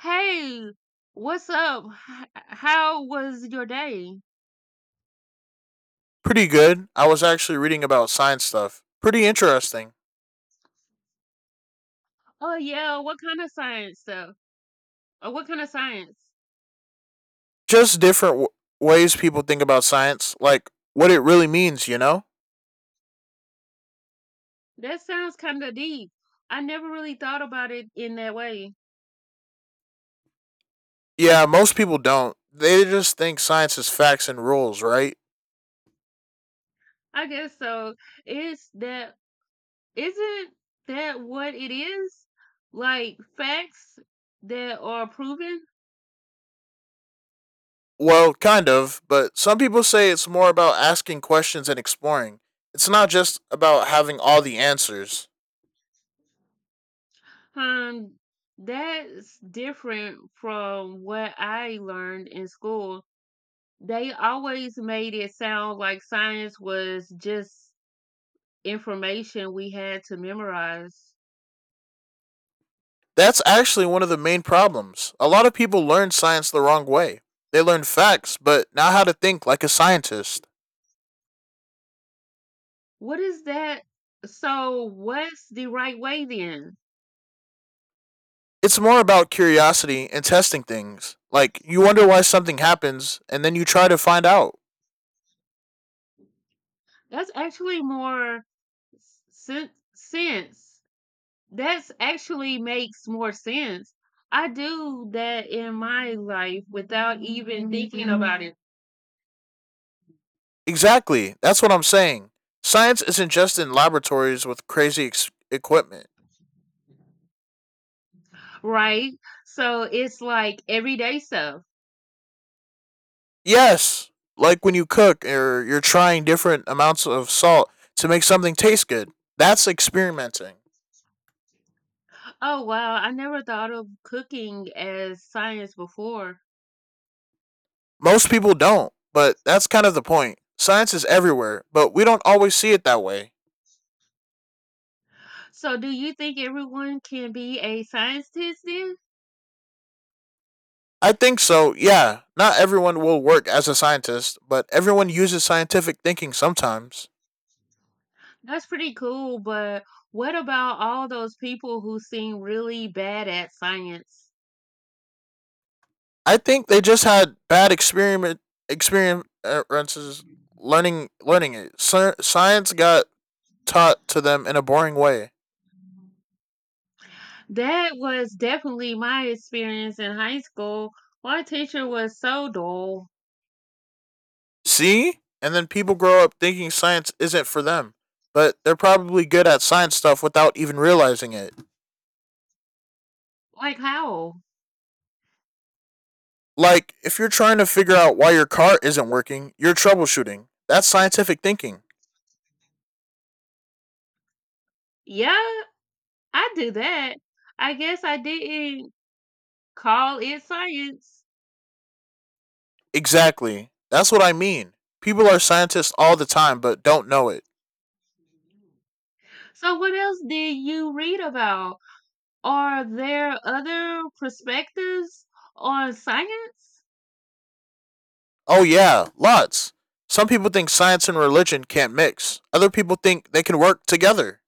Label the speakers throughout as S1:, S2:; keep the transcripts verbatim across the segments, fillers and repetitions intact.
S1: Hey, what's up? H- how was your day?
S2: Pretty good. I was actually reading about science stuff. Pretty interesting.
S1: Oh yeah, what kind of science stuff? Or what kind of science?
S2: Just different w- ways people think about science, like what it really means, you know?
S1: That sounds kind of deep. I never really thought about it in that way.
S2: Yeah, most people don't. They just think science is facts and rules, right?
S1: I guess so. Is that isn't that what it is? Like facts that are proven?
S2: Well, kind of, but some people say it's more about asking questions and exploring. It's not just about having all the answers.
S1: Um, that's different from what I learned in school. They always made it sound like science was just information we had to memorize.
S2: That's actually one of the main problems. A lot of people learn science the wrong way. They learn facts, but not how to think like a scientist.
S1: What is that? So, what's the right way then?
S2: It's more about curiosity and testing things. Like you wonder why something happens and then you try to find out.
S1: That's actually more sen- sense. That's actually makes more sense. I do that in my life without even thinking about it,
S2: Exactly. That's what I'm saying. Science isn't just in laboratories with crazy ex- equipment.
S1: right? So it's like everyday stuff.
S2: Yes, like when you cook or you're trying different amounts of salt to make something taste good. That's experimenting.
S1: Oh, wow. I never thought of cooking as science before.
S2: Most people don't, but that's kind of the point. Science is everywhere, but we don't always see it that way.
S1: So, do you think everyone can be a scientist then?
S2: I think so. Yeah, not everyone will work as a scientist, but everyone uses scientific thinking sometimes.
S1: That's pretty cool, but what about all those people who seem really bad at science?
S2: I think they just had bad experiment experiences learning learning it. Sci- Science got taught to them in a boring way.
S1: That was definitely my experience in high school. My teacher was so dull.
S2: See? And then people grow up thinking science isn't for them, but they're probably good at science stuff without even realizing it.
S1: Like, how?
S2: Like if you're trying to figure out why your car isn't working, you're troubleshooting. That's scientific thinking.
S1: Yeah, I do that. I guess I didn't call it science.
S2: Exactly. That's what I mean. People are scientists all the time but don't know it.
S1: So, what else did you read about? Are there other perspectives on science?
S2: Oh, yeah, lots. Some people think science and religion can't mix, other people think they can work together.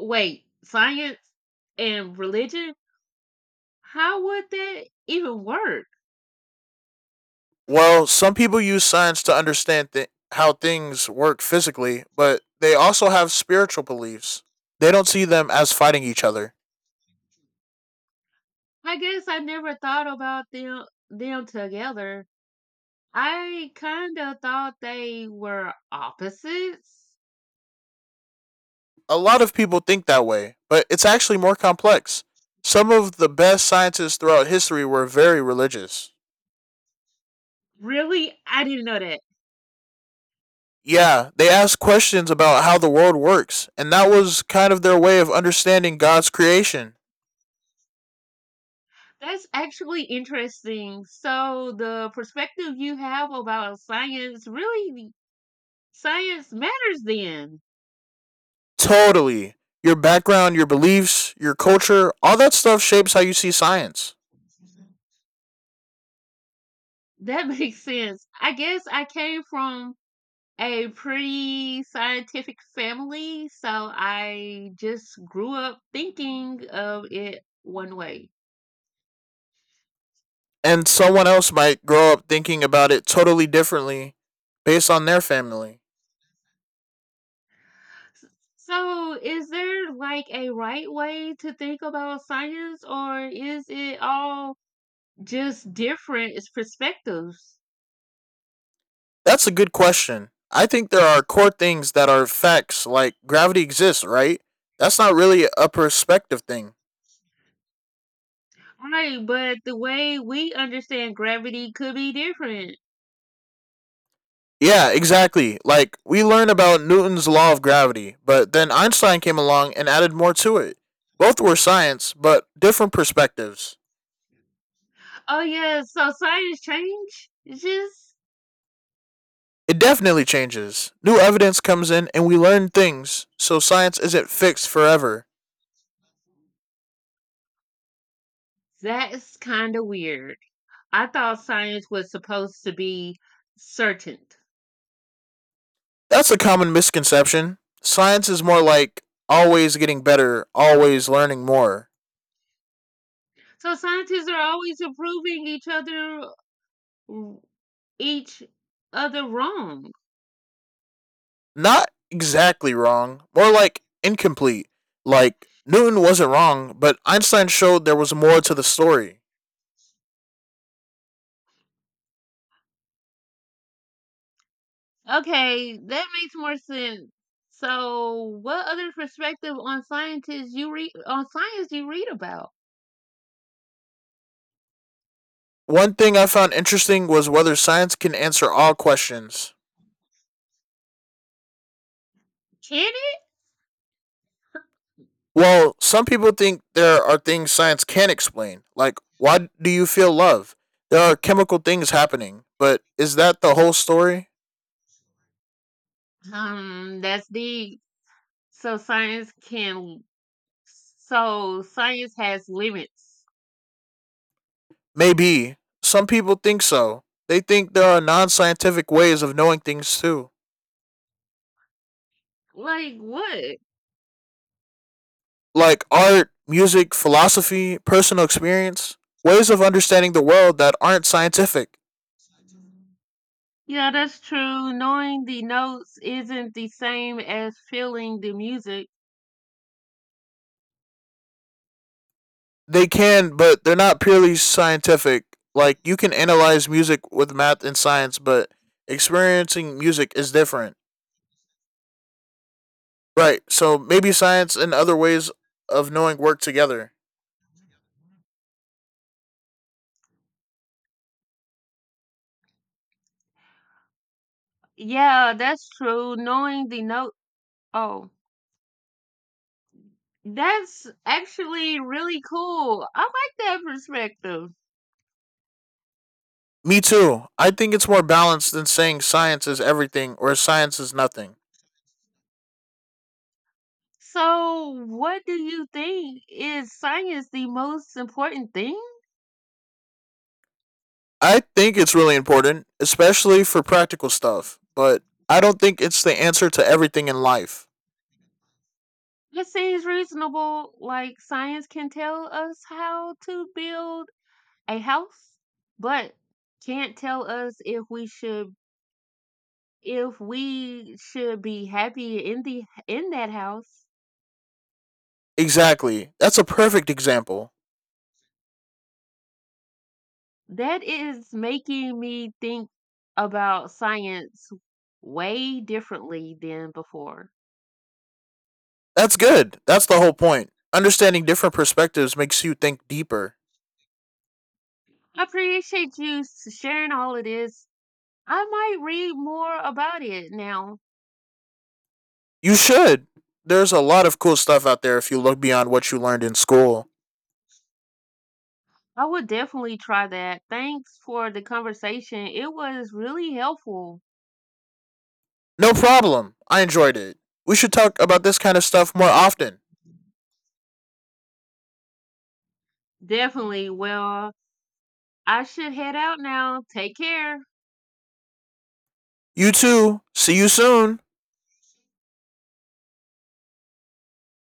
S1: Wait, science and religion? How would that even work?
S2: Well, some people use science to understand th- how things work physically, but they also have spiritual beliefs. They don't see them as fighting each other.
S1: I guess I never thought about them them together. I kind of thought they were opposites.
S2: A lot of people think that way, but it's actually more complex. Some of the best scientists throughout history were very religious.
S1: Really? I didn't know that.
S2: Yeah, they asked questions about how the world works, and that was kind of their way of understanding God's creation.
S1: That's actually interesting. So the perspective you have about science really science matters then.
S2: Totally. Your background, your beliefs, your culture, all that stuff shapes how you see science.
S1: That makes sense. I guess I came from a pretty scientific family, so I just grew up thinking of it one way.
S2: And someone else might grow up thinking about it totally differently based on their family.
S1: S- So, is there like a right way to think about science, or is it all just different? It's perspectives.
S2: That's a good question. I think there are core things that are facts, like gravity exists, right? That's not really a perspective thing.
S1: Right, but the way we understand gravity could be different.
S2: Yeah, exactly. Like, we learn about Newton's law of gravity, but then Einstein came along and added more to it. Both were science, but different perspectives.
S1: Oh, yeah, so science change? It's just,
S2: It definitely changes. New evidence comes in and we learn things, so science isn't fixed forever.
S1: that's kind of weird. I thought science was supposed to be certain.
S2: That's a common misconception. Science is more like always getting better, always learning more.
S1: So scientists are always proving each other each other wrong.
S2: Not exactly wrong, more like incomplete. Like, Newton wasn't wrong, but Einstein showed there was more to the story.
S1: Okay, that makes more sense. So, what other perspective on scientists you read on science you read about?
S2: One thing I found interesting was whether science can answer all questions.
S1: Can it?
S2: Well, some people think there are things science can't explain, like why do you feel love? There are chemical things happening, but is that the whole story?
S1: Um, that's deep. So science can. So science has limits.
S2: Maybe. Some people think so. They think there are non scientific ways of knowing things too,
S1: Like what?
S2: like art, music, philosophy, personal experience, ways of understanding the world that aren't scientific.
S1: Yeah, that's true. Knowing the notes isn't the same as feeling the music.
S2: They can, but they're not purely scientific. Like you can analyze music with math and science, but experiencing music is different. Right. So maybe science and other ways of knowing work together.
S1: Yeah, that's true. Knowing the note. Oh, that's actually really cool. I like that perspective.
S2: Me too. I think it's more balanced than saying science is everything or science is nothing.
S1: So, what do you think? Is science the most important thing?
S2: I think it's really important, especially for practical stuff, but I don't think it's the answer to everything in life.
S1: It seems reasonable, like science can tell us how to build a house, but can't tell us if we should if we should be happy in the in that house.
S2: Exactly. That's a perfect example.
S1: That is making me think about science way differently than before.
S2: That's good. That's the whole point. Understanding different perspectives makes you think deeper.
S1: I appreciate you s- sharing all of this. I might read more about it now.
S2: You should. There's a lot of cool stuff out there if you look beyond what you learned in school.
S1: I would definitely try that. Thanks for the conversation. It was really helpful.
S2: No problem. I enjoyed it. We should talk about this kind of stuff more often.
S1: Definitely. Well, I should head out now. Take care.
S2: You too. See you soon.